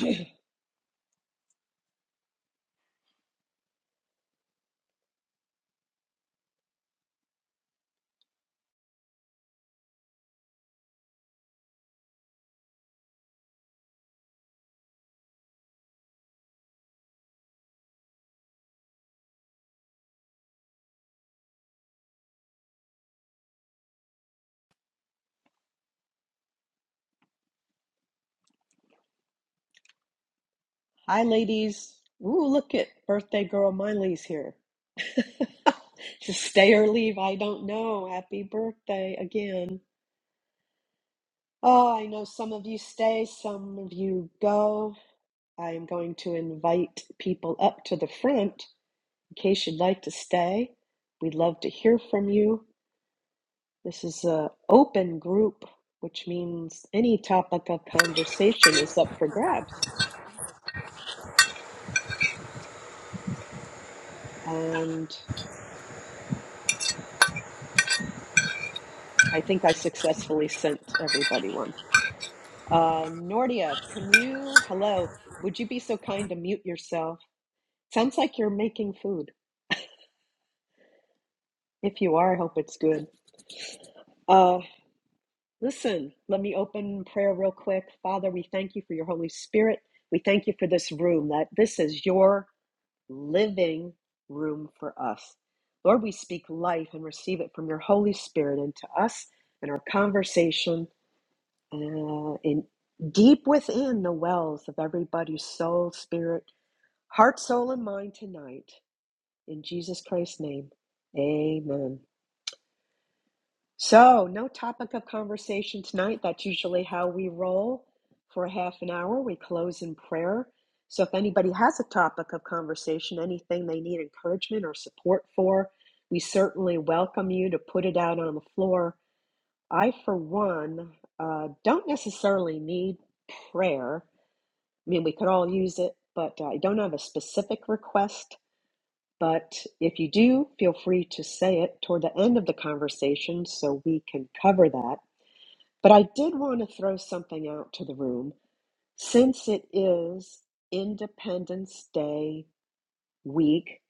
Hi, ladies. Ooh, look at birthday girl Miley's here. To stay or leave, I don't know. Happy birthday again. Oh, I know some of you stay, some of you go. I am going to invite people up to the front in case you'd like to stay. We'd love to hear from you. This is an open group, which means any topic of conversation is up for grabs. And I think I successfully sent everybody one. Uh, Nordia, can you? Hello, would you be so kind to mute yourself? Sounds like you're making food. If you are, I hope it's good. Uh, listen, let me open prayer real quick. Father, we thank you for your Holy Spirit. We thank you for this room, that this is your living room for us. Lord, we speak life and receive it from your Holy Spirit into us and our conversation uh, in deep within the wells of everybody's soul, spirit, Heart, soul, and mind tonight. In Jesus Christ's name. Amen. So, no topic of conversation tonight. That's usually how we roll for a half an hour. We close in prayer. So, if anybody has a topic of conversation, anything they need encouragement or support for, we certainly welcome you to put it out on the floor. I, for one, uh, don't necessarily need prayer. I mean, we could all use it, but uh, I don't have a specific request But if you do, feel free to say it toward the end of the conversation so we can cover that. But I did want to throw something out to the room. Since it is Independence Day week,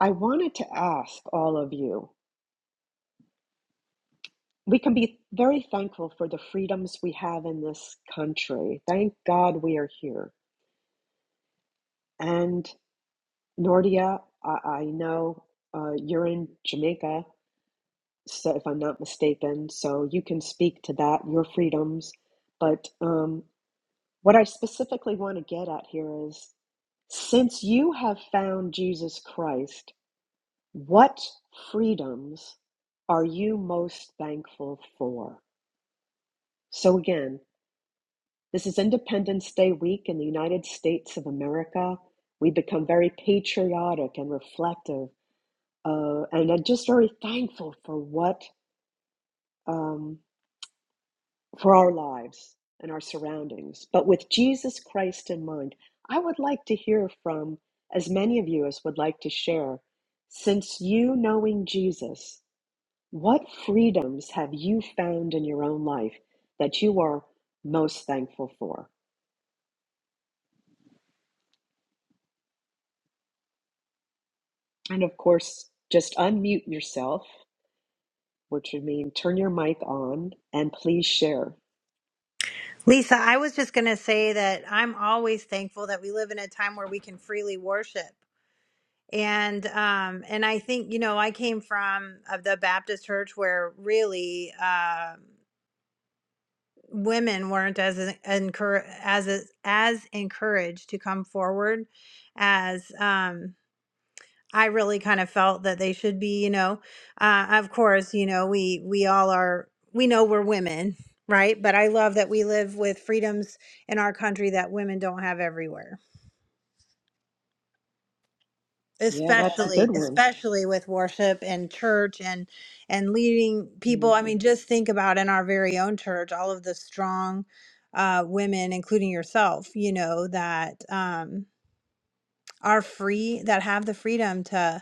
I wanted to ask all of you we can be very thankful for the freedoms we have in this country. Thank God we are here. And Nordia, I, I know uh, you're in Jamaica so if I'm not mistaken. So you can speak to that, your freedoms. But um, what I specifically want to get at here is since you have found Jesus Christ, what freedoms are you most thankful for? So, again, this is Independence Day week in the United States of America. We become very patriotic and reflective, uh, and I'm just very thankful for what. Um, for our lives and our surroundings. But with Jesus Christ in mind, I would like to hear from as many of you as would like to share. Since you knowing Jesus, what freedoms have you found in your own life that you are most thankful for? And of course, just unmute yourself, which would mean turn your mic on and please share. Lisa, I was just going to say that I'm always thankful that we live in a time where we can freely worship. And um and I think, you know, I came from uh, the Baptist church where really uh, women weren't as encour- as as encouraged to come forward as um I really kind of felt that they should be, you know, uh, of course, you know, we we all are we know we're women, right? But I love that we live with freedoms in our country that women don't have everywhere. Yeah, that's a good Especially Yes. one. especially with worship and church and and leading hmm people. I mean, just think about in our very own church all of the strong uh women including yourself, you know, that um are free that have the freedom to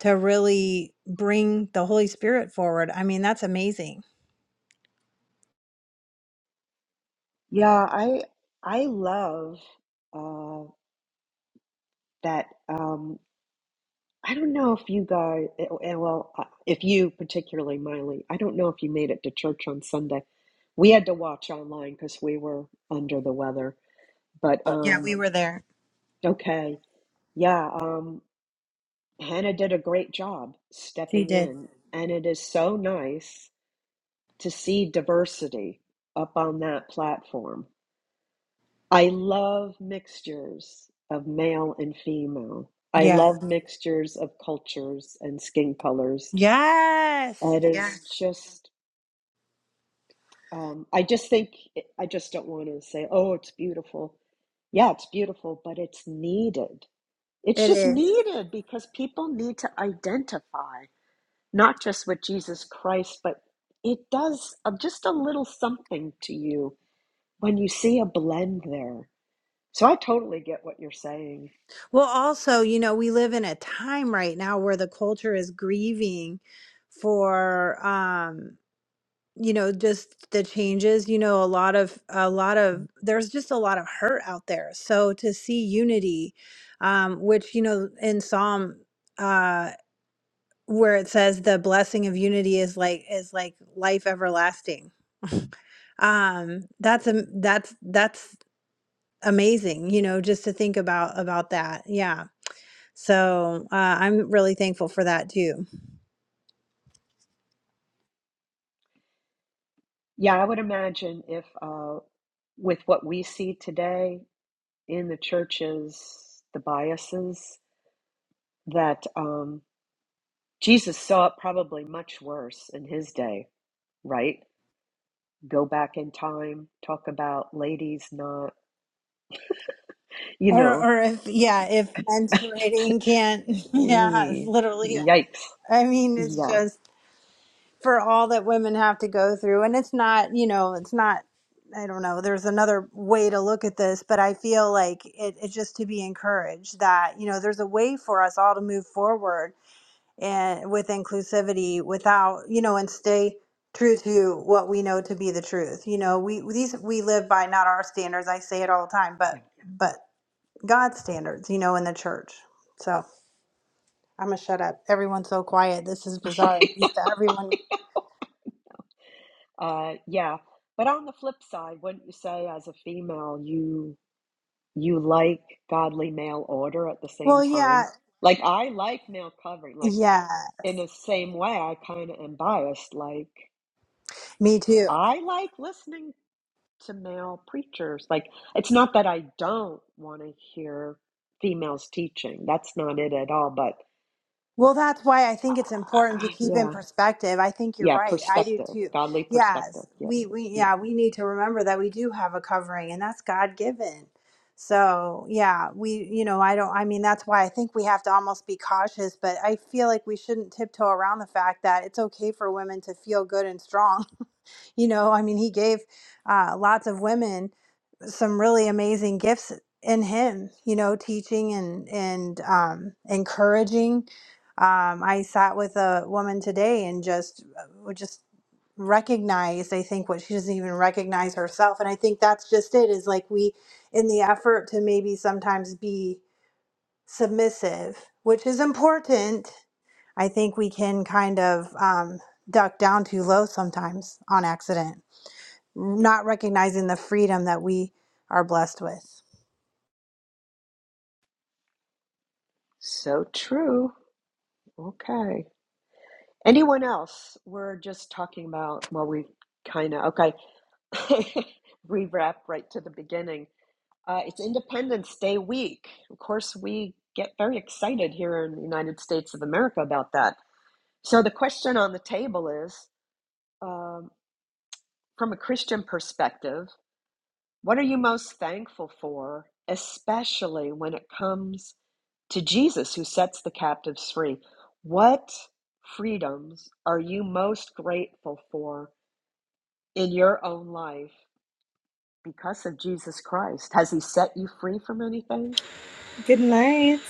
to really bring the Holy Spirit forward. I mean, that's amazing. Yeah, I I love. uh, that um, I don't know if you guys, eh, oh, eh, well, uh, if you particularly, Miley, I don't know if you made it to church on Sunday. We had to watch online because we were under the weather. But Yeah, um, we were there. okay, yeah, um, Hannah did a great job She stepping did. in, and it is so nice to see diversity up on that platform. I love mixtures of male and female. I Yeah. love mixtures of cultures and skin colors. Yes. It Yeah. is just, um, I just think, eh, I just don't want to say, oh, it's beautiful. Yeah, it's beautiful, but it's needed. It's It just is. needed because people need to identify not just with Jesus Christ, but it does a- just a little something to you when you see a blend there. So I totally get what you're saying. Well, also, you know, we live in a time right now where the culture is grieving for um, you know, just the changes, you know, a lot of a lot of there's just a lot of hurt out there. So to see unity um which, you know, in Psalm uh where it says the blessing of unity is like is like life everlasting um that's a that's that's amazing you know just to think about about that yeah so uh, i'm really thankful for that too Yeah, I would imagine if, uh, with what we see today in the churches, the biases, that. um, Jesus saw it probably much worse in his day, right? Go back in time, talk about ladies not, you or know, or if yeah if mentoring can't yeah it's eh, literally yikes. i mean it's Yeah, just for all that women have to go through and it's not you know it's not i don't know there's another way to look at this but i feel like it, it's just to be encouraged that you know there's a way for us all to move forward and with inclusivity without you know and stay true to what we know to be the truth you know we these we live by not our standards i say it all the time but yeah. but god's standards you know in the church so i'm gonna shut up everyone's so quiet this is bizarre i'm used to everyone Uh, yeah. But on the flip side, wouldn't you say as a female, you you like godly male order at the well, same yeah, time? Like I like male covering. Like Yeah, in the same way, I kind of am biased. Like me too. I like listening to male preachers. Like, it's not that I don't want to hear females teaching. That's not it at all. But Well, that's why I think it's important to uh, keep in yeah, perspective. I think you're yeah, right. I do perspective, too. godly perspective. Yes, Yeah, we we yeah. yeah, we need to remember that we do have a covering and that's God-given. So, yeah, we you know, I don't I mean, that's why I think we have to almost be cautious, but I feel like we shouldn't tiptoe around the fact that it's okay for women to feel good and strong. You know, I mean, he gave uh lots of women some really amazing gifts in him you know teaching and and um, encouraging um, i sat with a woman today and just uh, just recognized i think what she doesn't even recognize herself and i think that's just it is like we in the effort to maybe sometimes be submissive which is important i think we can kind of um, duck down too low sometimes on accident not recognizing the freedom that we are blessed with So true. Okay. Anyone else? We're just talking about, well, we kind of, okay, rewrap right to the beginning. Uh, it's Independence Day week. Of course, we get very excited here in the United States of America about that. So the question on the table is um, from a Christian perspective, what are you most thankful for, especially when it comes to Jesus who sets the captives free? What freedoms are you most grateful for in your own life because of Jesus Christ? Has he set you free from anything? Good night,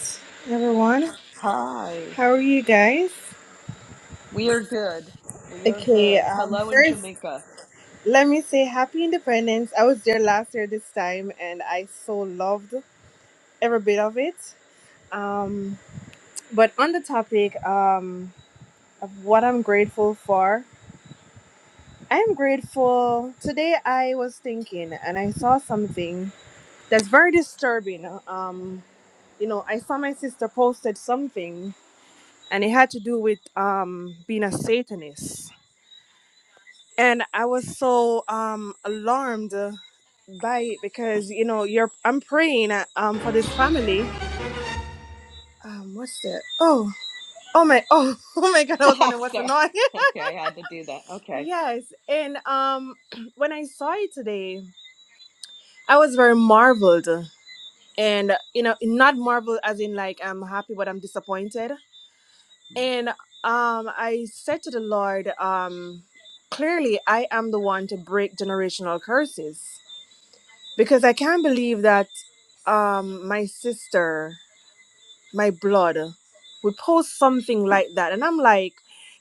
everyone. Hi, How are you guys? we are good. We are Okay, good. um, Hello in first, Jamaica. let me say happy independence. I was there last year this time and I so loved every bit of it. Um, but on the topic um, of what I'm grateful for, I'm grateful. Today I was thinking and I saw something that's very disturbing. Um, you know, I saw my sister posted something and it had to do with um, being a Satanist and I was so um alarmed uh, by it because you know you're I'm praying uh, um for this family. Um, what's that? Oh, oh my, oh, oh my God! I was wondering what's the Sorry. noise. Okay, I had to do that. Okay. yes, and um, when I saw it today, I was very marveled, and you know, not marveled as in like I'm happy, but I'm disappointed. And um, I said to the Lord, um, clearly I am the one to break generational curses because I can't believe that um my sister, my blood, would post something like that, and I'm like,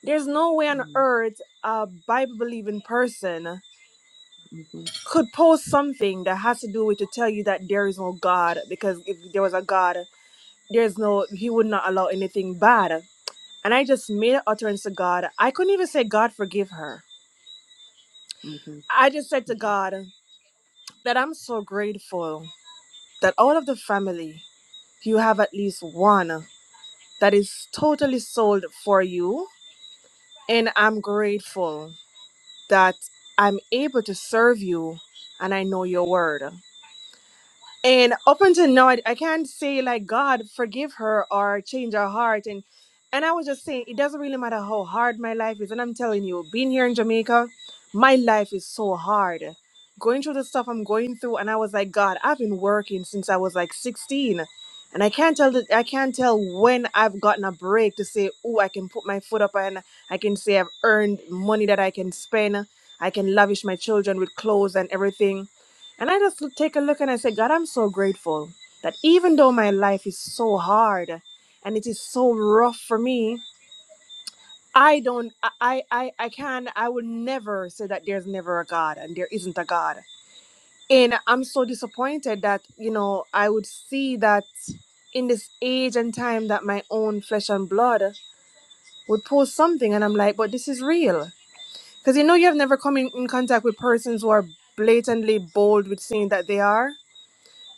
there's no way on Mm-hmm. earth a Bible believing person Mhm, could post something that has to do with to tell you that there is no God, because if there was a God, there's no He would not allow anything bad. And I just made an utterance to God. I couldn't even say, God, forgive her. mhm, I just said to mhm, God that I'm so grateful that out of the family, you have at least one. that is totally sold for you. And I'm grateful that I'm able to serve you and I know your word and up until now I, I can't say like god forgive her or change her heart and and i was just saying it doesn't really matter how hard my life is and i'm telling you being here in jamaica my life is so hard going through the stuff i'm going through and i was like god i've been working since i was like 16 and i can't tell that i can't tell when i've gotten a break to say oh i can put my foot up and i can say i've earned money that i can spend i can lavish my children with clothes and everything and I just take a look and I say, God, I'm so grateful that even though my life is so hard and it is so rough for me, I don't, I, I, I can, I would never say that there's never a God and there isn't a God. And I'm so disappointed that, you know, I would see that in this age and time that my own flesh and blood would post something and I'm like, but this is real. Because you know, you have never come in, in contact with persons who are blatantly bold with saying that they are.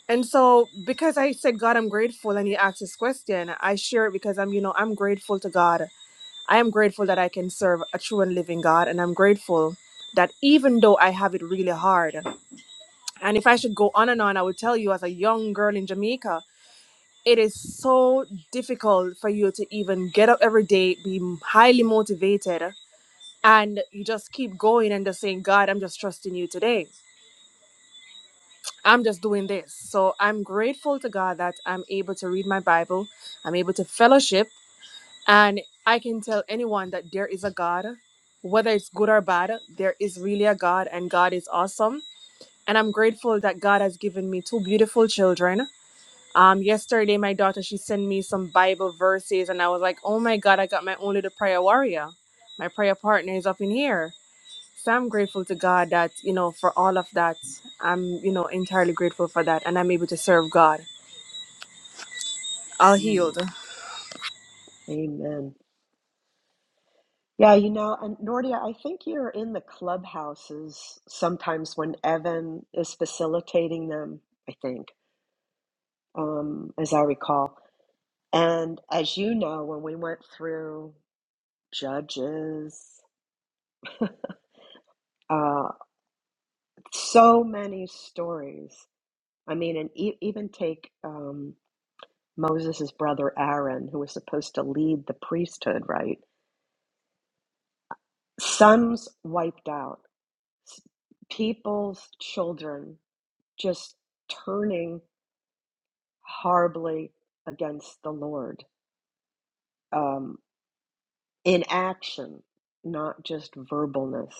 And so, because I said, God, I'm grateful, and He asked this question, I share it because I'm, you know, I'm grateful to God. I am grateful that I can serve a true and living God. And I'm grateful that even though I have it really hard, and if I should go on and on, I would tell you as a young girl in Jamaica, it is so difficult for you to even get up every day, be highly motivated, and you just keep going and just saying, God, I'm just trusting you today. I'm just doing this. So I'm grateful to God that I'm able to read my Bible, I'm able to fellowship, and I can tell anyone that there is a God, whether it's good or bad, there is really a God, and God is awesome. And I'm grateful that God has given me two beautiful children. Um, yesterday, my daughter she sent me some Bible verses, and I was like, "Oh my God, I got my own little prayer warrior. My prayer partner is up in here." So I'm grateful to God that, you know, for all of that, I'm, you know, entirely grateful for that and I'm able to serve God. All mm. healed. Amen. Yeah, you know, and Nordia, I think you're in the clubhouses sometimes when Evan is facilitating them, I think, um, as I recall. And as you know, when we went through Judges, uh, so many stories. I mean, and e even take um, Moses' brother Aaron, who was supposed to lead the priesthood, right? Sons wiped out s- people's children just turning horribly against the Lord um, in action, not just verbalness.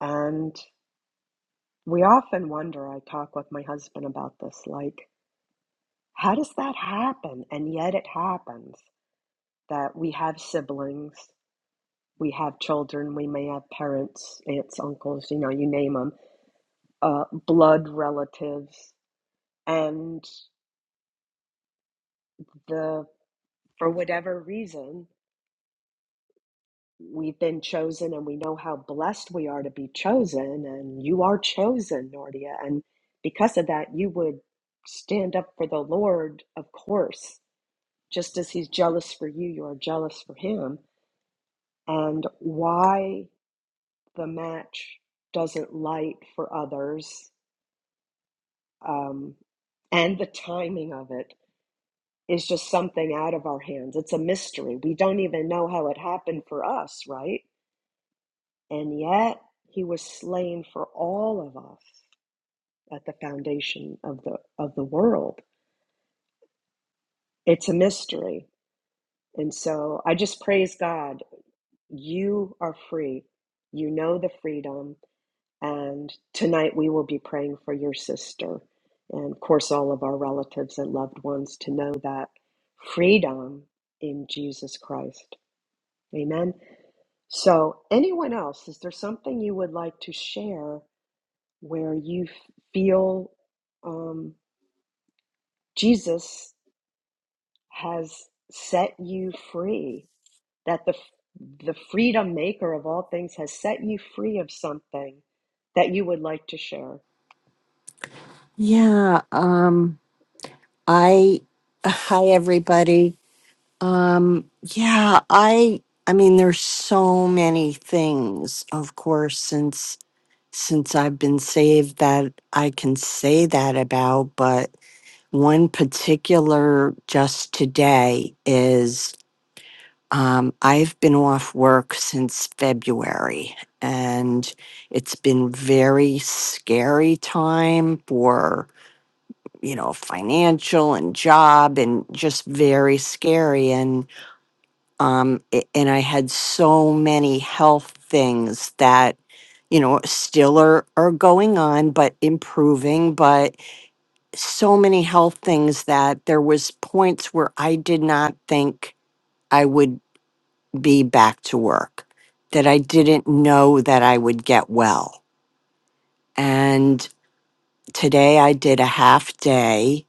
And we often wonder, I talk with my husband about this, like, how does that happen? And yet it happens that we have siblings, we have children, we may have parents, aunts, uncles, you know, you name them, uh, blood relatives. And the. for whatever reason, we've been chosen and we know how blessed we are to be chosen. And you are chosen, Nordia. And because of that, you would stand up for the Lord, of course. Just as he's jealous for you, you are jealous for him. And why the match doesn't light for others um, and the timing of it is just something out of our hands. It's a mystery. We don't even know how it happened for us, right? And yet he was slain for all of us at the foundation of the of the world. It's a mystery. And so I just praise God. You are free. You know the freedom. And tonight we will be praying for your sister and of course all of our relatives and loved ones to know that freedom in Jesus Christ. Amen. So anyone else, is there something you would like to share where you feel um, Jesus has set you free, that the, the freedom maker of all things has set you free of something that you would like to share. Yeah. Um. I. Hi, everybody. Um. Yeah. I. I mean, there's so many things, of course, since since I've been saved that I can say that about. But one particular, just today, is um, I've been off work since February, and it's been very scary time for you know, financial and job and just very scary. And um, it, and I had so many health things that, you know, still are are going on, but improving. But so many health things that there was points where I did not think I would be back to work, that I didn't know that I would get well. And today I did a half day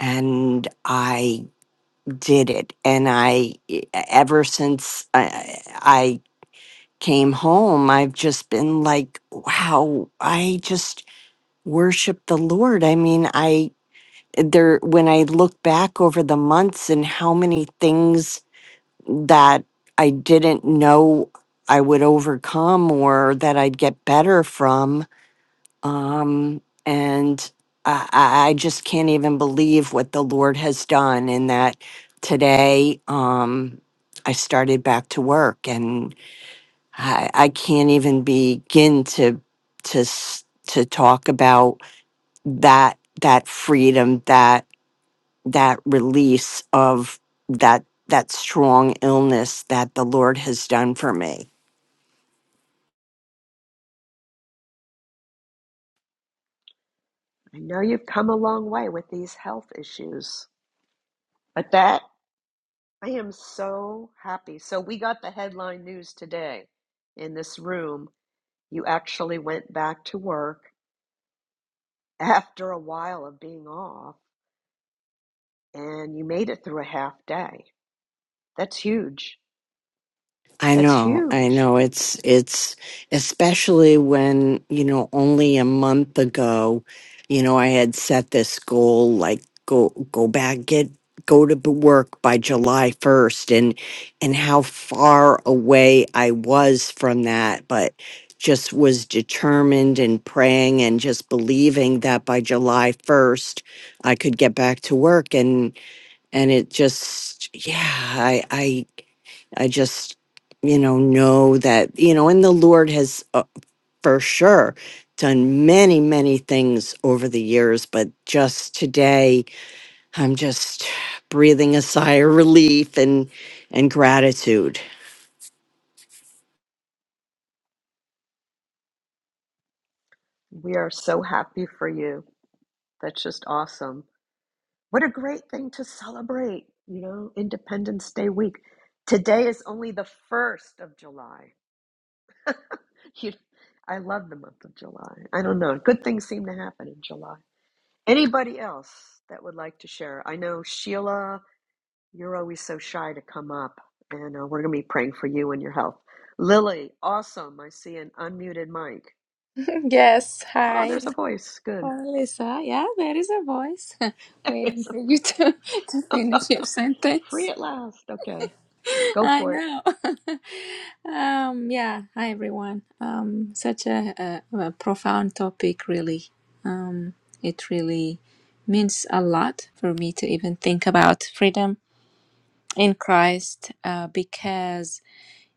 and I did it and I. e- ever since i, I came home i've just been like wow i just worship the lord i mean i there when i look back over the months and how many things that i didn't know i would overcome or that i'd get better from um, and I, I I just can't even believe what the Lord has done. In that today, um, I started back to work, and I, I can't even begin to to s- to talk about that that freedom, that that release of that that strong illness that the Lord has done for me I know you've come a long way with these health issues, but that I am so happy. So, we got the headline news today in this room. You actually went back to work after a while of being off and you made it through a half day. That's huge. I That's know, I huge. know. It's it's especially when, you know, only a month ago, you know, I had set this goal like go go back get go to b- work by July 1st and and how far away I was from that, but just was determined and praying and just believing that by July 1st I could get back to work and and it just yeah, I I just, you know, know that, you know, and the Lord has uh, for sure done many, many things over the years, but just today, I'm just breathing a sigh of relief and and gratitude We are so happy for you. That's just awesome. What a great thing to celebrate, you know, Independence Day week. Today is only the 1st of July. You, I love the month of July. I don't know. Good things seem to happen in July. Anybody else that would like to share? I know, Sheila, you're always so shy to come up, and uh, we're going to be praying for you and your health. Lily, awesome. I see an unmuted mic. Yes, Oh, hi. there's a voice. Good. Hi, Lisa. Yeah, there is a voice waiting for you to, to finish your free sentence. at last. Okay, go I for it. know. Um, yeah, hi everyone. Um, such a, a, a profound topic, really. Um, it really means a lot for me to even think about freedom in Christ, uh, because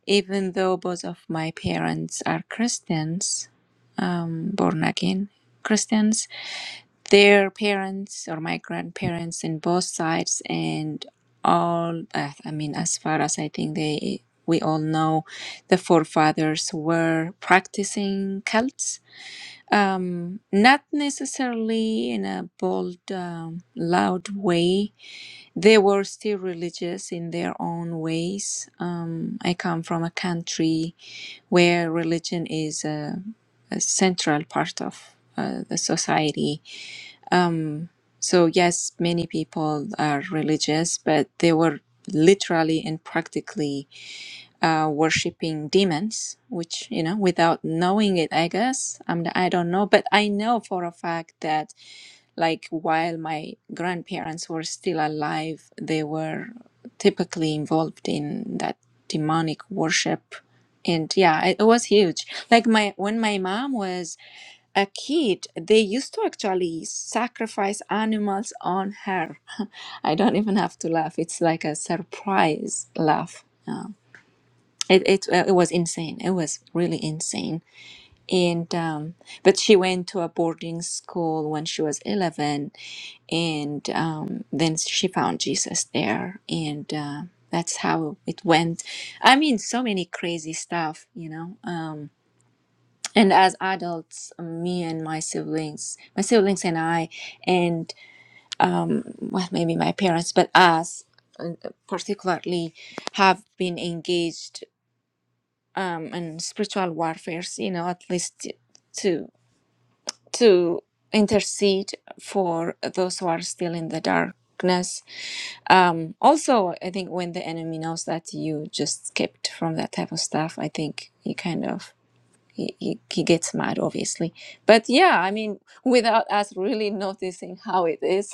even though both of my parents are Christians, um, born again Christians, their parents or my grandparents in both sides and all uh, i mean as far as i think they we all know the forefathers were practicing cults um, not necessarily in a bold um, loud way they were still religious in their own ways um, i come from a country where religion is a, a central part of uh, the society so, yes, many people are religious, but they were literally and practically uh, worshiping demons, which, you know, without knowing it, I guess, I'm, the, I don't know, but I know for a fact that, like, while my grandparents were still alive, they were typically involved in that demonic worship. And yeah, it was huge. Like, my when my mom was a kid, they used to actually sacrifice animals on her. I don't even have to laugh. It's like a surprise laugh. Uh, it, it uh, it was insane. It was really insane. And um, but she went to a boarding school when she was eleven, and um, then she found Jesus there, and uh, that's how it went. I mean, so many crazy stuff, you know. Um, and as adults, me and my siblings, my siblings and I, and um, well, maybe my parents, but us uh, particularly, have been engaged um, and spiritual warfares, you know, at least to to intercede for those who are still in the darkness. Um, also, I think when the enemy knows that you just skipped from that type of stuff, I think he kind of he, he, he gets mad, obviously. But yeah, I mean, without us really noticing how it is,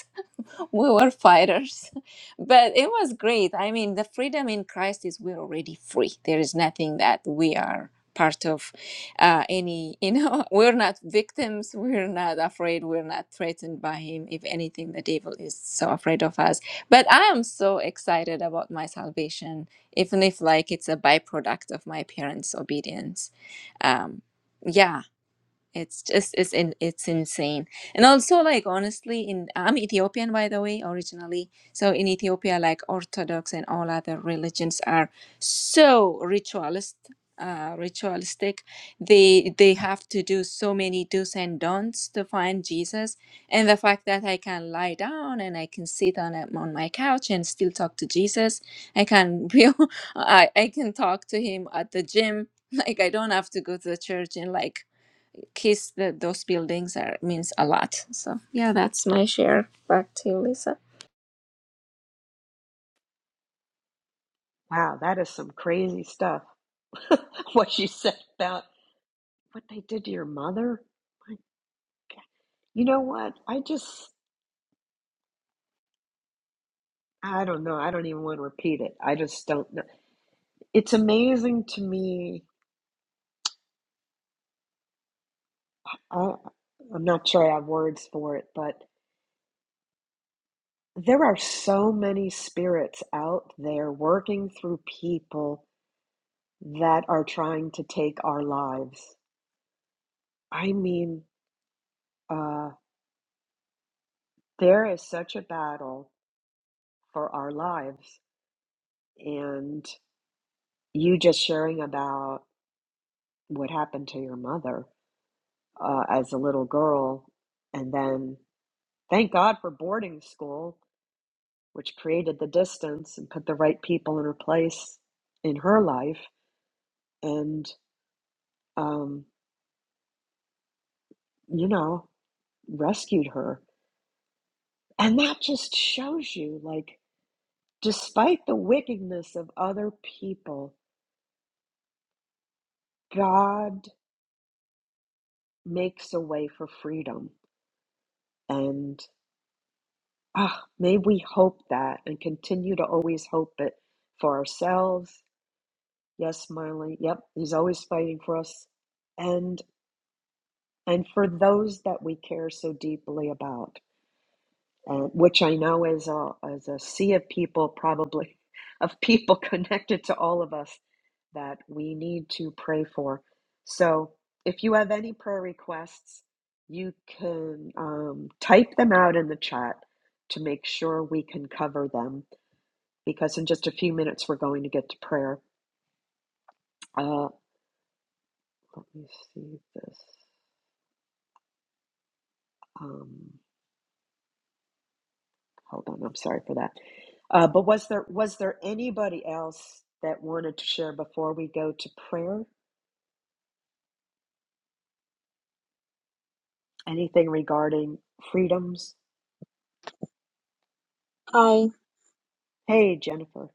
we were fighters but it was great i mean the freedom in christ is we're already free there is nothing that we are part of uh, any you know we're not victims we're not afraid we're not threatened by him if anything the devil is so afraid of us but i am so excited about my salvation even if like it's a byproduct of my parents obedience um, yeah it's just it's in it's insane. And also like honestly in I'm Ethiopian by the way originally. So in Ethiopia like Orthodox and all other religions are so ritualist uh ritualistic. They they have to do so many do's and don'ts to find Jesus. And the fact that I can lie down and I can sit on a, on my couch and still talk to Jesus. I can I I can talk to him at the gym. Like I don't have to go to the church and like kiss the, those buildings are means a lot. So yeah, that's my share. Back to you, Lisa. Wow, that is some crazy stuff. what you said about what they did to your mother. Like, You know what? I just, I don't know. I don't even want to repeat it. I just don't know. It's amazing to me. I, I'm not sure I have words for it, but there are so many spirits out there working through people that are trying to take our lives. I mean, uh, There is such a battle for our lives. And you just sharing about what happened to your mother uh, as a little girl, and then thank God for boarding school, which created the distance and put the right people in her place in her life and, um, you know, rescued her. And that just shows you, like, despite the wickedness of other people, God makes a way for freedom And ah, may we hope that and continue to always hope it for ourselves. Yes, Marley. Yep, he's always fighting for us. And and for those that we care so deeply about. uh, which I know is a is a sea of people, probably of people connected to all of us that we need to pray for. So, if you have any prayer requests, you can um, type them out in the chat to make sure we can cover them. Because in just a few minutes, we're going to get to prayer. Uh, let me see this. Um, Hold on, I'm sorry for that. Uh, but was there was there anybody else that wanted to share before we go to prayer? Anything regarding freedoms? Hi. Hey, Jennifer,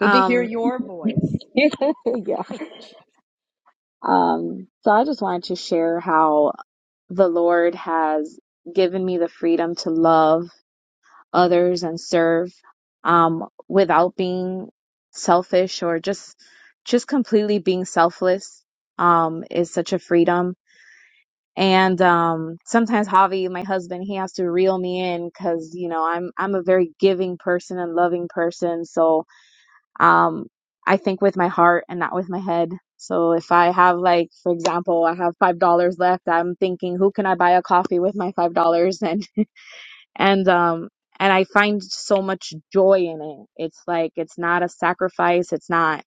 good to hear Um, your voice. yeah. Um, so I just wanted to share how the Lord has given me the freedom to love others and serve, um, without being selfish or just, just completely being selfless, um, is such a freedom. And, um, sometimes Javi, my husband, he has to reel me in because, you know, I'm, I'm a very giving person and loving person. So, Um, I think with my heart and not with my head. So if I have like, for example, I have five dollars left, I'm thinking, who can I buy a coffee with my five dollars? And and um and I find so much joy in it. It's like it's not a sacrifice. It's not.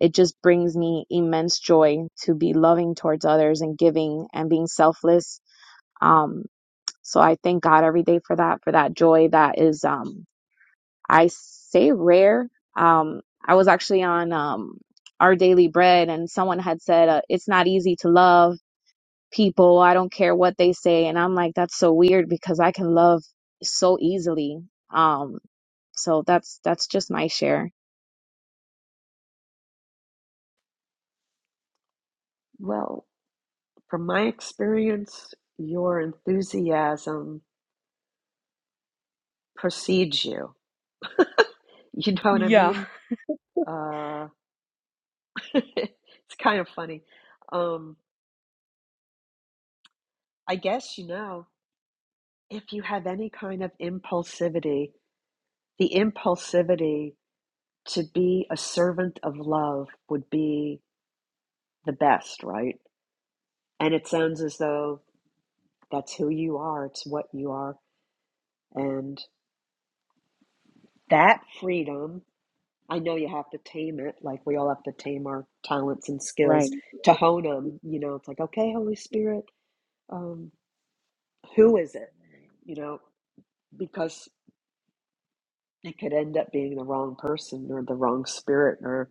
It just brings me immense joy to be loving towards others and giving and being selfless. Um, so I thank God every day for that, for that joy that is um I say rare. Um, I was actually on um, Our Daily Bread, and someone had said uh, it's not easy to love people. I don't care what they say, and I'm like, that's so weird because I can love so easily. Um, so that's that's just my share. well, from my experience, your enthusiasm precedes you. You know what I Yeah. mean? Uh, it's kind of funny. Um, I guess you know if you have any kind of impulsivity, the impulsivity to be a servant of love would be the best, right? And it sounds as though that's who you are, it's what you are. And that freedom, I know you have to tame it, like we all have to tame our talents and skills Right, to hone them. You know, it's like, okay, Holy Spirit, um, who is it? You know, because it could end up being the wrong person or the wrong spirit or,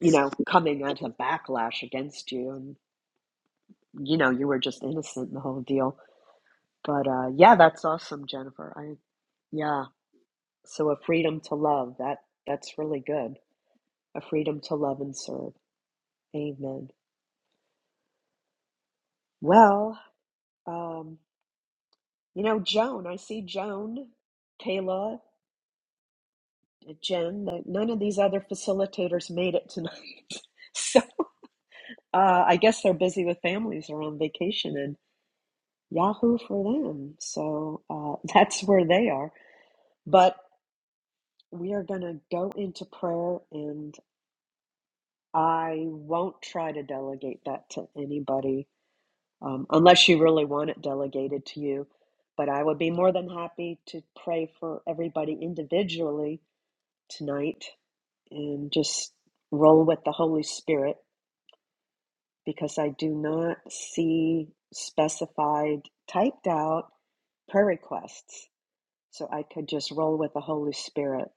you know, coming as a backlash against you. And, you know, you were just innocent in the whole deal But uh, yeah, that's awesome, Jennifer. I yeah. So a freedom to love that that's really good. A freedom to love and serve. Amen. Well, um, you know, Joan. I see Joan, Kayla, uh, Jen. that None of these other facilitators made it tonight, so uh, I guess they're busy with families or on vacation. And Yahoo for them. So uh, that's where they are. But we are going to go into prayer, and I won't try to delegate that to anybody um, unless you really want it delegated to you. But I would be more than happy to pray for everybody individually tonight and just roll with the Holy Spirit because I do not see specified typed out prayer requests. So I could just roll with the Holy Spirit.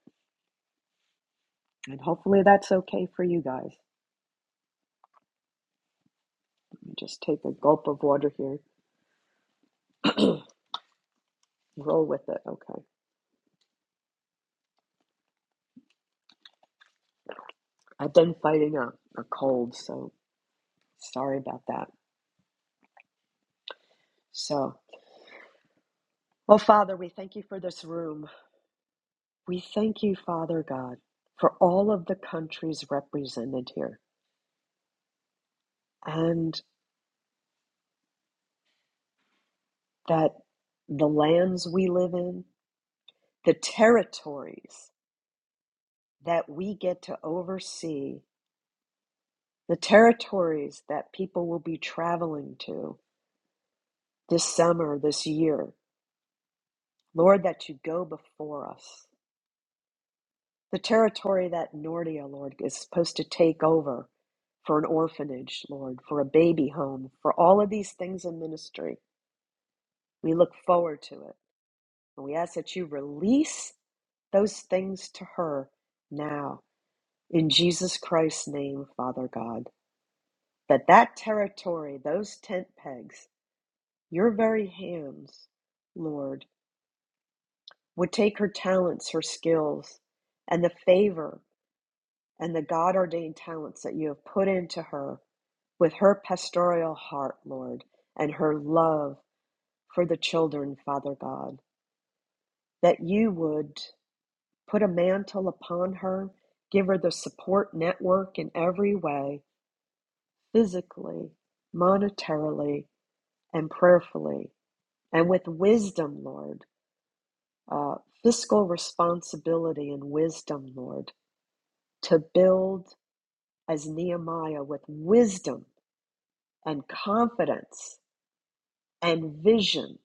And hopefully that's okay for you guys. Just take a gulp of water here, roll with it. Okay. I've been fighting a, a cold, so sorry about that. So, oh, Father, we thank you for this room. We thank you, Father God, for all of the countries represented here and that the lands we live in, the territories that we get to oversee, the territories that people will be traveling to this summer, this year. Lord, that you go before us. The territory that Nordia, Lord, is supposed to take over for an orphanage, Lord, for a baby home, for all of these things in ministry. We look forward to it. And we ask that you release those things to her now in Jesus Christ's name, Father God. That that territory, those tent pegs, your very hands, Lord, would take her talents, her skills, and the favor and the God ordained talents that you have put into her with her pastoral heart, Lord, and her love for the children, Father God, that you would put a mantle upon her, give her the support network in every way, physically, monetarily, and prayerfully, and with wisdom, Lord, uh, fiscal responsibility and wisdom, Lord, to build as Nehemiah with wisdom and confidence and vision,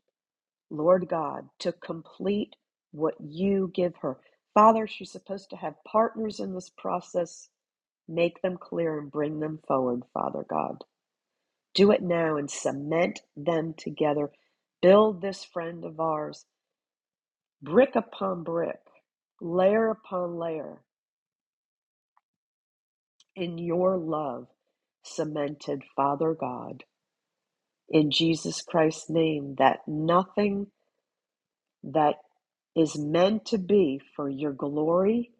Lord God, to complete what you give her. Father, she's supposed to have partners in this process. Make them clear and bring them forward, Father God. Do it now and cement them together. Build this friend of ours brick upon brick, layer upon layer in your love, cemented, Father God, in Jesus Christ's name, that nothing that is meant to be for your glory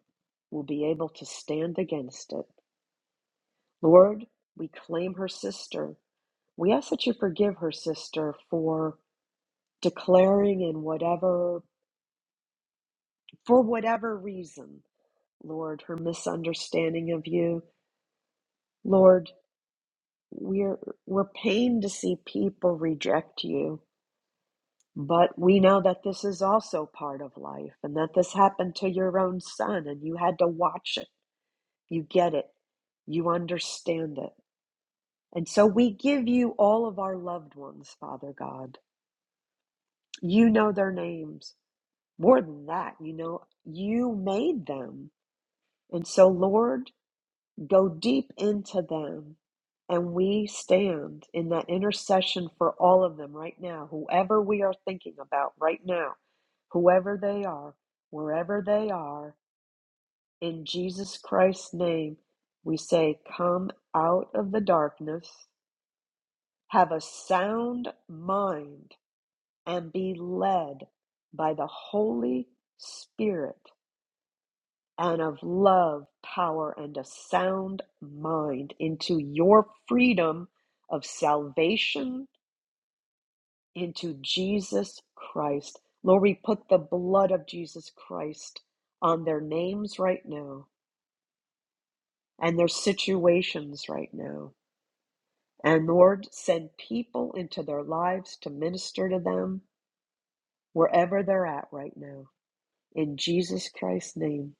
will be able to stand against it. Lord, we claim her sister. We ask that you forgive her sister for declaring in whatever, for whatever reason, Lord, her misunderstanding of you. Lord, we're, we're pained to see people reject you, but we know that this is also part of life and that this happened to your own son and you had to watch it You get it. You understand it. And so we give you all of our loved ones, Father God. You know their names. More than that, you know, you made them. And so, Lord, go deep into them. And we stand in that intercession for all of them right now, whoever we are thinking about right now, whoever they are, wherever they are, in Jesus Christ's name, we say, Come out of the darkness Have a sound mind and be led by the Holy Spirit and of love, power, and a sound mind into your freedom of salvation into Jesus Christ. Lord, we put the blood of Jesus Christ on their names right now and their situations right now. And Lord, send people into their lives to minister to them wherever they're at right now. In Jesus Christ's name.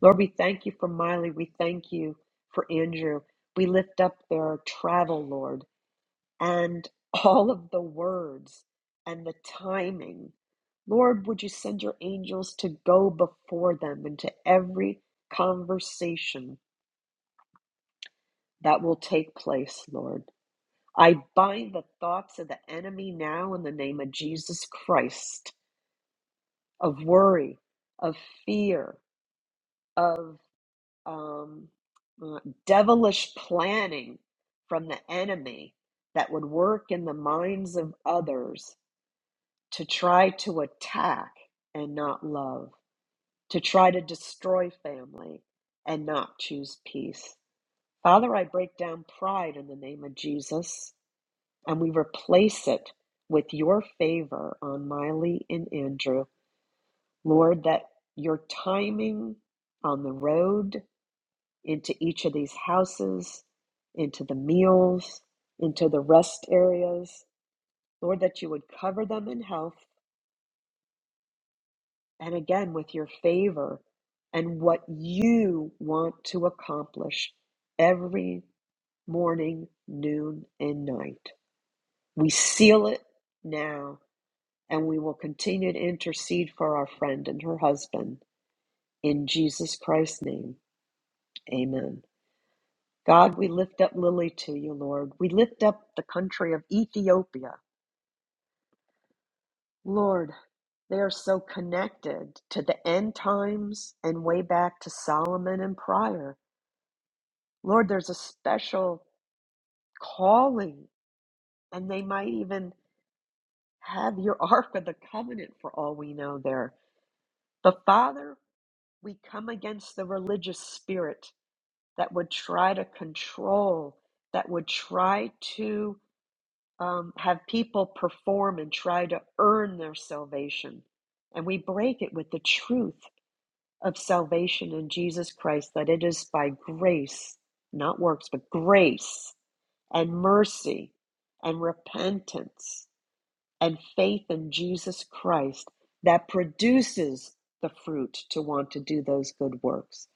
Lord, we thank you for Miley. We thank you for Andrew. We lift up their travel, Lord, and all of the words and the timing. Lord, would you send your angels to go before them into every conversation that will take place, Lord? I bind the thoughts of the enemy now in the name of Jesus Christ of worry, of fear, of um, uh, devilish planning from the enemy that would work in the minds of others to try to attack and not love, to try to destroy family and not choose peace. Father, I break down pride in the name of Jesus and we replace it with your favor on Miley and Andrew. Lord, that your timing on the road into each of these houses, into the meals, into the rest areas. Lord, that you would cover them in health and again with your favor and what you want to accomplish every morning, noon, and night. We seal it now and we will continue to intercede for our friend and her husband. In Jesus Christ's name, amen. God, we lift up Lily to you, Lord. We lift up the country of Ethiopia. Lord, they are so connected to the end times and way back to Solomon and prior. Lord, there's a special calling, and they might even have your Ark of the Covenant for all we know there. But Father, we come against the religious spirit that would try to control, that would try to um, have people perform and try to earn their salvation. And we break it with the truth of salvation in Jesus Christ that it is by grace, not works, but grace and mercy and repentance and faith in Jesus Christ that produces the fruit to want to do those good works.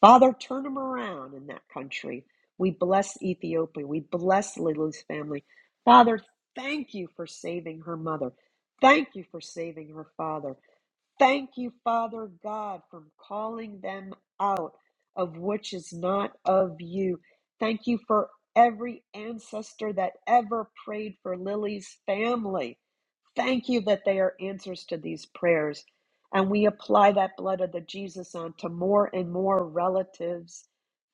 Father, turn them around in that country. We bless Ethiopia. We bless Lily's family. Father, thank you for saving her mother. Thank you for saving her father. Thank you, Father God, for calling them out of which is not of you. Thank you for every ancestor that ever prayed for Lily's family. Thank you that they are answers to these prayers. And we apply that blood of the Jesus onto more and more relatives,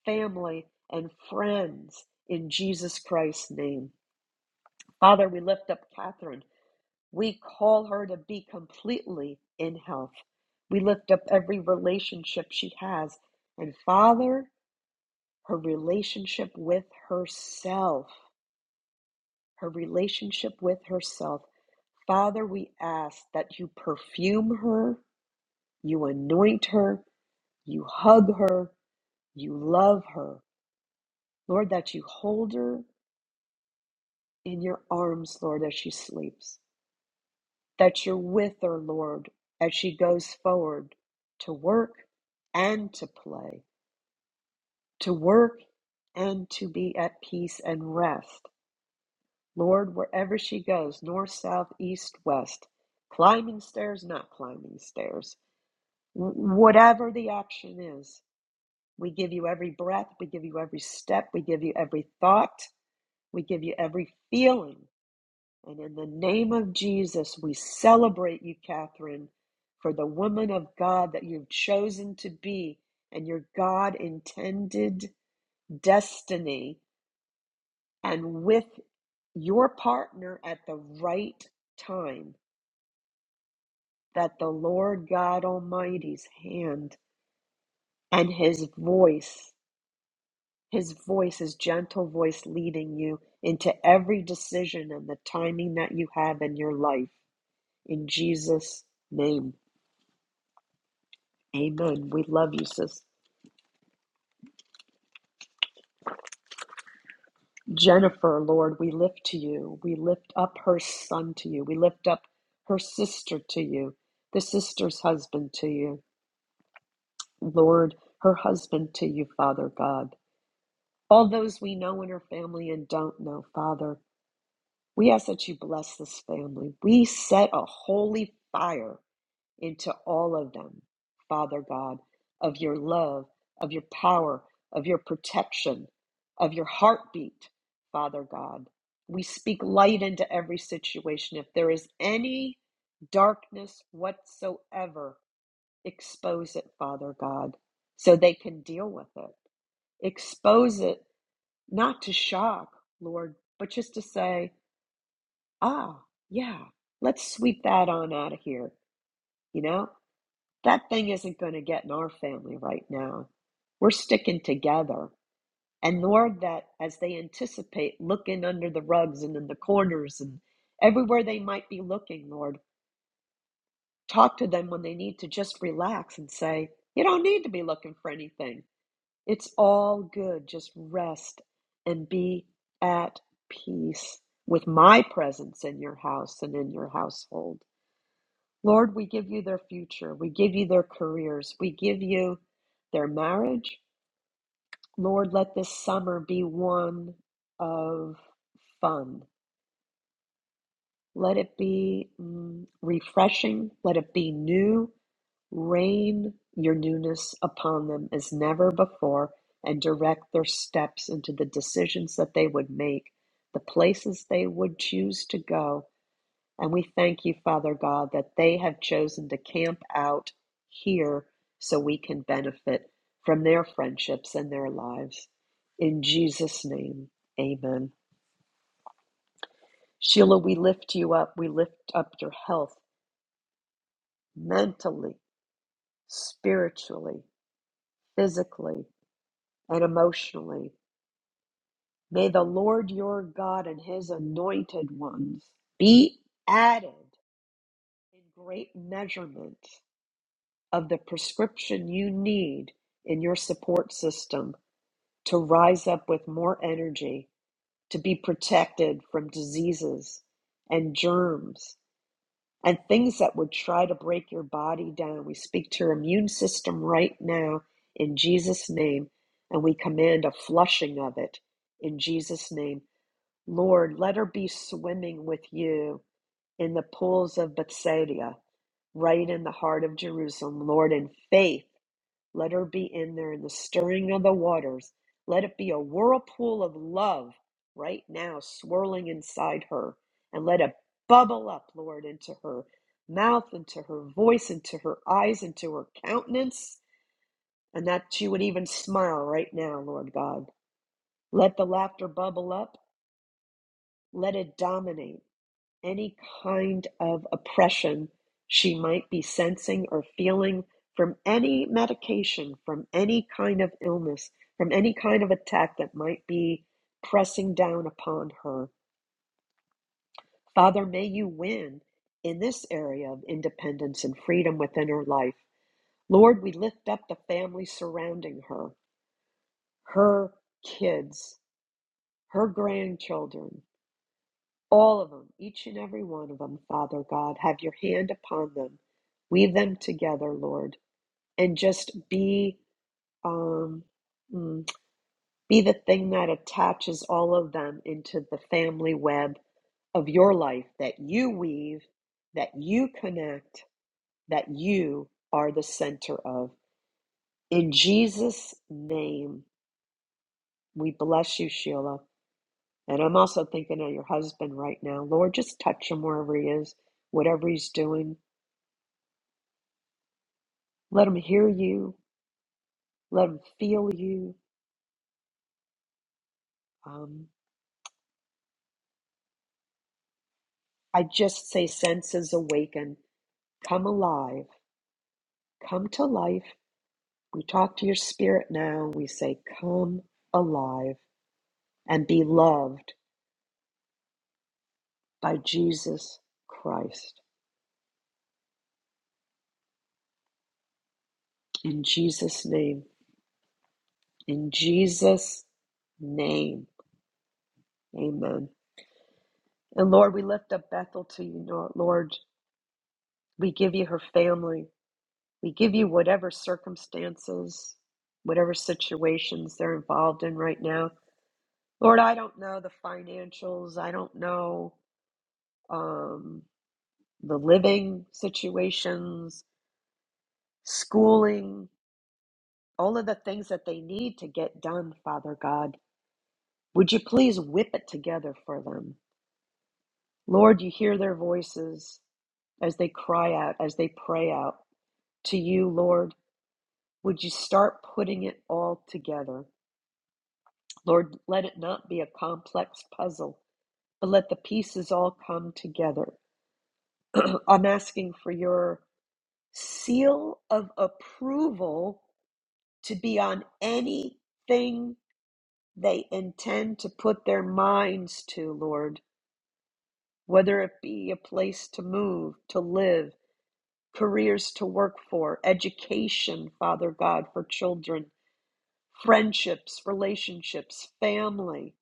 family, and friends in Jesus Christ's name. Father, we lift up Catherine. We call her to be completely in health. We lift up every relationship she has. And Father, her relationship with herself, her relationship with herself. Father, we ask that you perfume her, you anoint her, you hug her, you love her. Lord, that you hold her in your arms, Lord, as she sleeps. that you're with her, Lord, as she goes forward to work and to play, to work and to be at peace and rest. Lord, wherever she goes, north, south, east, west, climbing stairs, not climbing stairs, whatever the action is, we give you every breath, we give you every step, we give you every thought, we give you every feeling And in the name of Jesus, we celebrate you, Catherine, for the woman of God that you've chosen to be and your God intended destiny, and with your partner at the right time, that the Lord God Almighty's hand and his voice, his voice, his gentle voice leading you into every decision and the timing that you have in your life. In Jesus' name. Amen. We love you, sis. Jennifer, Lord, we lift to you. We lift up her son to you. We lift up her sister to you, the sister's husband to you. Lord, her husband to you, Father God. All those we know in her family and don't know, Father, we ask that you bless this family. We set a holy fire into all of them, Father God, of your love, of your power, of your protection, of your heartbeat, Father God. We speak light into every situation. If there is any darkness whatsoever, expose it, Father God, so they can deal with it. Expose it not to shock, Lord, but just to say, ah, yeah, let's sweep that on out of here, you know? That thing isn't going to get in our family right now. We're sticking together. And Lord, that as they anticipate looking under the rugs and in the corners and everywhere they might be looking, Lord, talk to them when they need to just relax and say, You don't need to be looking for anything. It's all good. Just rest and be at peace with my presence in your house and in your household. Lord, we give you their future. We give you their careers. We give you their marriage. Lord, let this summer be one of fun. Let it be mm, refreshing. Let it be new. Rain your newness upon them as never before and direct their steps into the decisions that they would make, the places they would choose to go. And we thank you, Father God, that they have chosen to camp out here so we can benefit from their friendships and their lives. In Jesus' name, amen. Sheila, we lift you up. We lift up your health mentally, spiritually, physically, and emotionally. May the Lord your God and his anointed ones be added in great measurement of the prescription you need in your support system to rise up with more energy, to be protected from diseases and germs and things that would try to break your body down. We speak to your immune system right now in Jesus' name, and we command a flushing of it in Jesus' name. Lord, let her be swimming with you in the pools of Bethsaida, right in the heart of Jerusalem, Lord, in faith let her be in there in the stirring of the waters. Let it be a whirlpool of love right now swirling inside her. And let it bubble up, Lord, into her mouth, into her voice, into her eyes, into her countenance. And that she would even smile right now, Lord God. Let the laughter bubble up. Let it dominate any kind of oppression she might be sensing or feeling from any medication, from any kind of illness, from any kind of attack that might be pressing down upon her. Father, may you win in this area of independence and freedom within her life. Lord, we lift up the family surrounding her, her kids, her grandchildren. All of them, each and every one of them, Father God, have your hand upon them. Weave them together, Lord, and just be um, mm, be the thing that attaches all of them into the family web of your life that you weave, that you connect, that you are the center of. In Jesus' name, we bless you, Sheila. And I'm also thinking of your husband right now. Lord, just touch him wherever he is, whatever he's doing Let them hear you. Let them feel you. Um, I just say, senses awaken. Come alive. Come to life. We talk to your spirit now. We say, come alive and be loved by Jesus Christ. In Jesus' name. In Jesus' name. Amen. And Lord, we lift up Bethel to you, Lord. We give you her family. We give you whatever circumstances, whatever situations they're involved in right now. Lord, I don't know the financials. I don't know um, the living situations, schooling, all of the things that they need to get done, Father God. Would you please whip it together for them? Lord, you hear their voices as they cry out, as they pray out to you, Lord. Would you start putting it all together? Lord, let it not be a complex puzzle, but let the pieces all come together. I'm asking for your seal of approval to be on anything they intend to put their minds to, Lord, whether it be a place to move, to live, careers to work for, education, Father God, for children, friendships, relationships, family.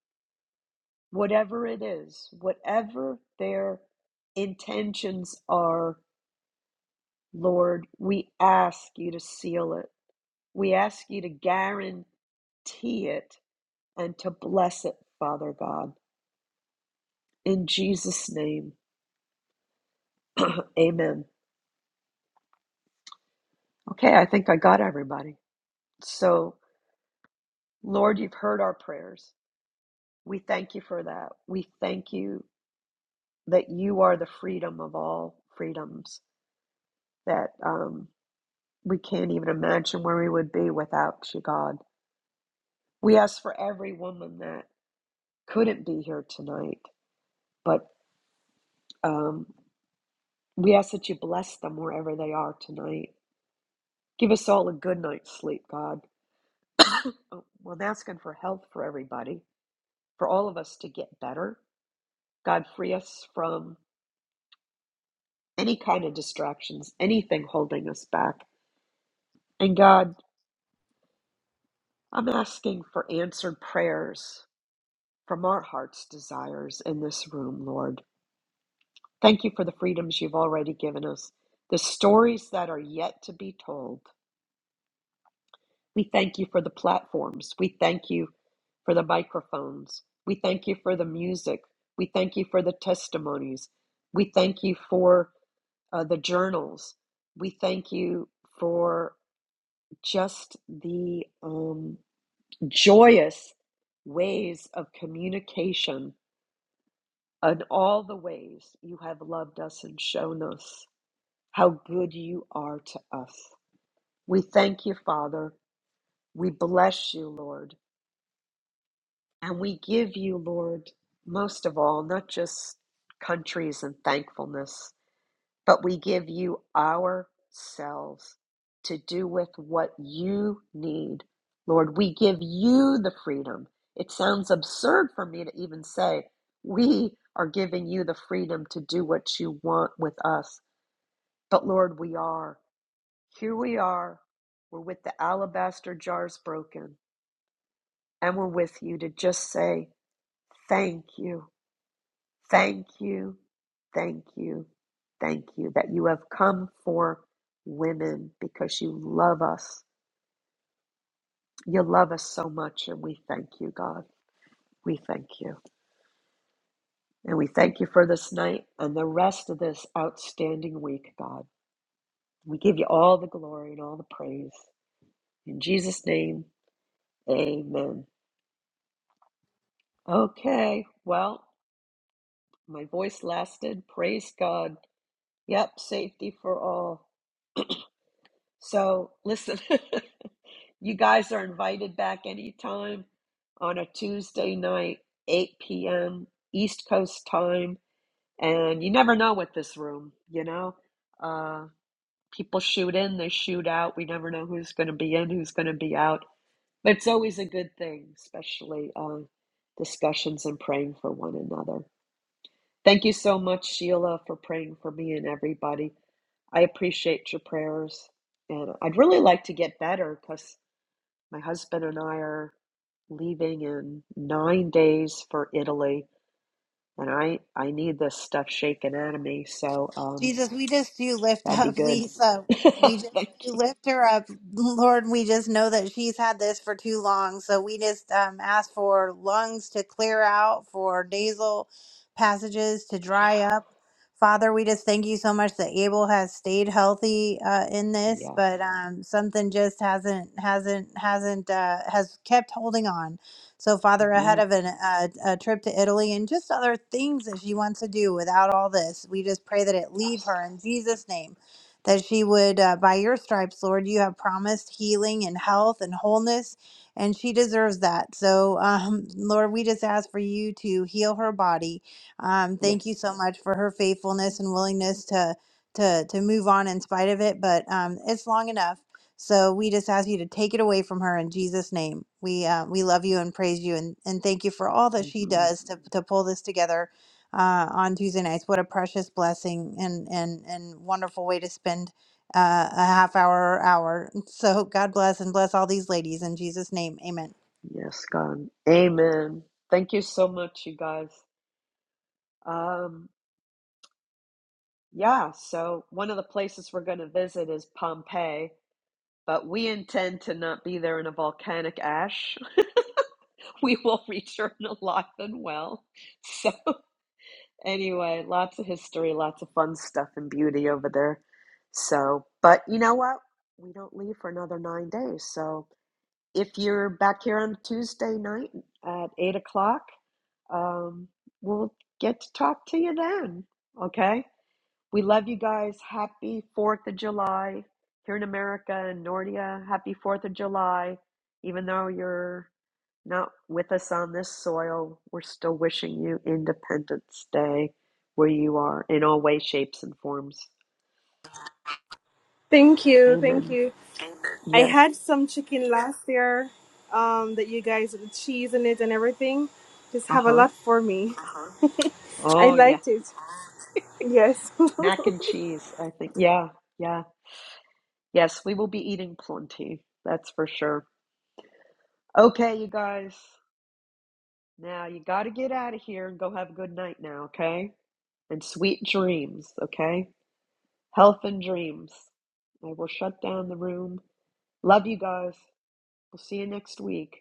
whatever it is, whatever their intentions are, Lord, we ask you to seal it. We ask you to guarantee it and to bless it, Father God. In Jesus' name, amen. Okay, I think I got everybody. So, Lord, you've heard our prayers. We thank you for that. We thank you that you are the freedom of all freedoms, that um, we can't even imagine where we would be without you, God. We ask for every woman that couldn't be here tonight, but um, we ask that you bless them wherever they are tonight. Give us all a good night's sleep, God. Oh, well, I'm asking for health for everybody, for all of us to get better. God, free us from any kind of distractions, anything holding us back. And God, I'm asking for answered prayers from our heart's desires in this room, Lord. Thank you for the freedoms you've already given us, the stories that are yet to be told. We thank you for the platforms. We thank you for the microphones. We thank you for the music. We thank you for the testimonies. We thank you for uh, the journals. We thank you for just the um, joyous ways of communication and all the ways you have loved us and shown us. how good you are to us. We thank you, Father. We bless you, Lord. And we give you, Lord, most of all, not just countries and thankfulness, but we give you ourselves to do with what you need. Lord, we give you the freedom. It sounds absurd for me to even say we are giving you the freedom to do what you want with us, but Lord, we are. Here we are, we're with the alabaster jars broken, and we're with you to just say, Thank you, thank you, thank you, thank you that you have come for women because you love us. You love us so much, and we thank you, God. We thank you. And we thank you for this night and the rest of this outstanding week, God. We give you all the glory and all the praise. In Jesus' name, amen. Okay, well. my voice lasted. Praise God. Yep, safety for all. So listen, you guys are invited back anytime on a Tuesday night, 8 p.m. East Coast time. And you never know with this room, you know? Uh, people shoot in, they shoot out. We never know who's going to be in, who's going to be out. But it's always a good thing, especially uh, discussions and praying for one another. Thank you so much, Sheila, for praying for me and everybody. I appreciate your prayers. And I'd really like to get better because my husband and I are leaving in nine days for Italy. And I, I need this stuff shaken out of me. So um, Jesus, we just do lift that'd be up good. Lisa. Thank We just do you. lift her up. Lord, we just know that she's had this for too long. So we just um, ask for lungs to clear out, for nasal passages to Yeah. dry up. Father, we just thank you so much that Abel has stayed healthy uh, in this, Yes. but um, something just hasn't hasn't hasn't uh, has kept holding on. So, Father, hmm ahead of an, uh, a trip to Italy and just other things that she wants to do without all this, we just pray that it leave Yes. her in Jesus' name. That she would, uh, by your stripes, Lord, you have promised healing and health and wholeness, and she deserves that. So, um, Lord, we just ask for you to heal her body. Um, thank you Yes. so much for her faithfulness and willingness to to to move on in spite of it. But um, it's long enough. So we just ask you to take it away from her in Jesus' name. We uh, we love you and praise you and, and thank you for all that she hmm does to, to pull this together uh, on Tuesday nights. What a precious blessing and and and wonderful way to spend uh, a half hour or hour. So God bless and bless all these ladies in Jesus' name. Amen. Yes, God. Amen. Thank you so much, you guys. Um, yeah, so one of the places we're going to visit is Pompeii But we intend to not be there in a volcanic ash. We will return alive and well. So, anyway, lots of history, lots of fun stuff and beauty over there. So, but you know what? We don't leave for another nine days. So, if you're back here on Tuesday night at eight o'clock, um, we'll get to talk to you then. Okay. We love you guys. Happy 4th of July here in America and Nordia. Happy 4th of July. Even though you're not with us on this soil, we're still wishing you Independence Day where you are in all ways, shapes, and forms. Thank you. Thank Amen. you. I Yes. had some chicken last year um, that you guys, with cheese in it and everything, just Uh have a huh. lot for me. I Oh, yeah. liked it. Yes. Mac and cheese, I think. Yeah. Yeah. Yes, we will be eating plenty. That's for sure. Okay, you guys. Now you got to get out of here and go have a good night now, okay? and sweet dreams, okay? Health and dreams. I will shut down the room. Love you guys. We'll see you next week.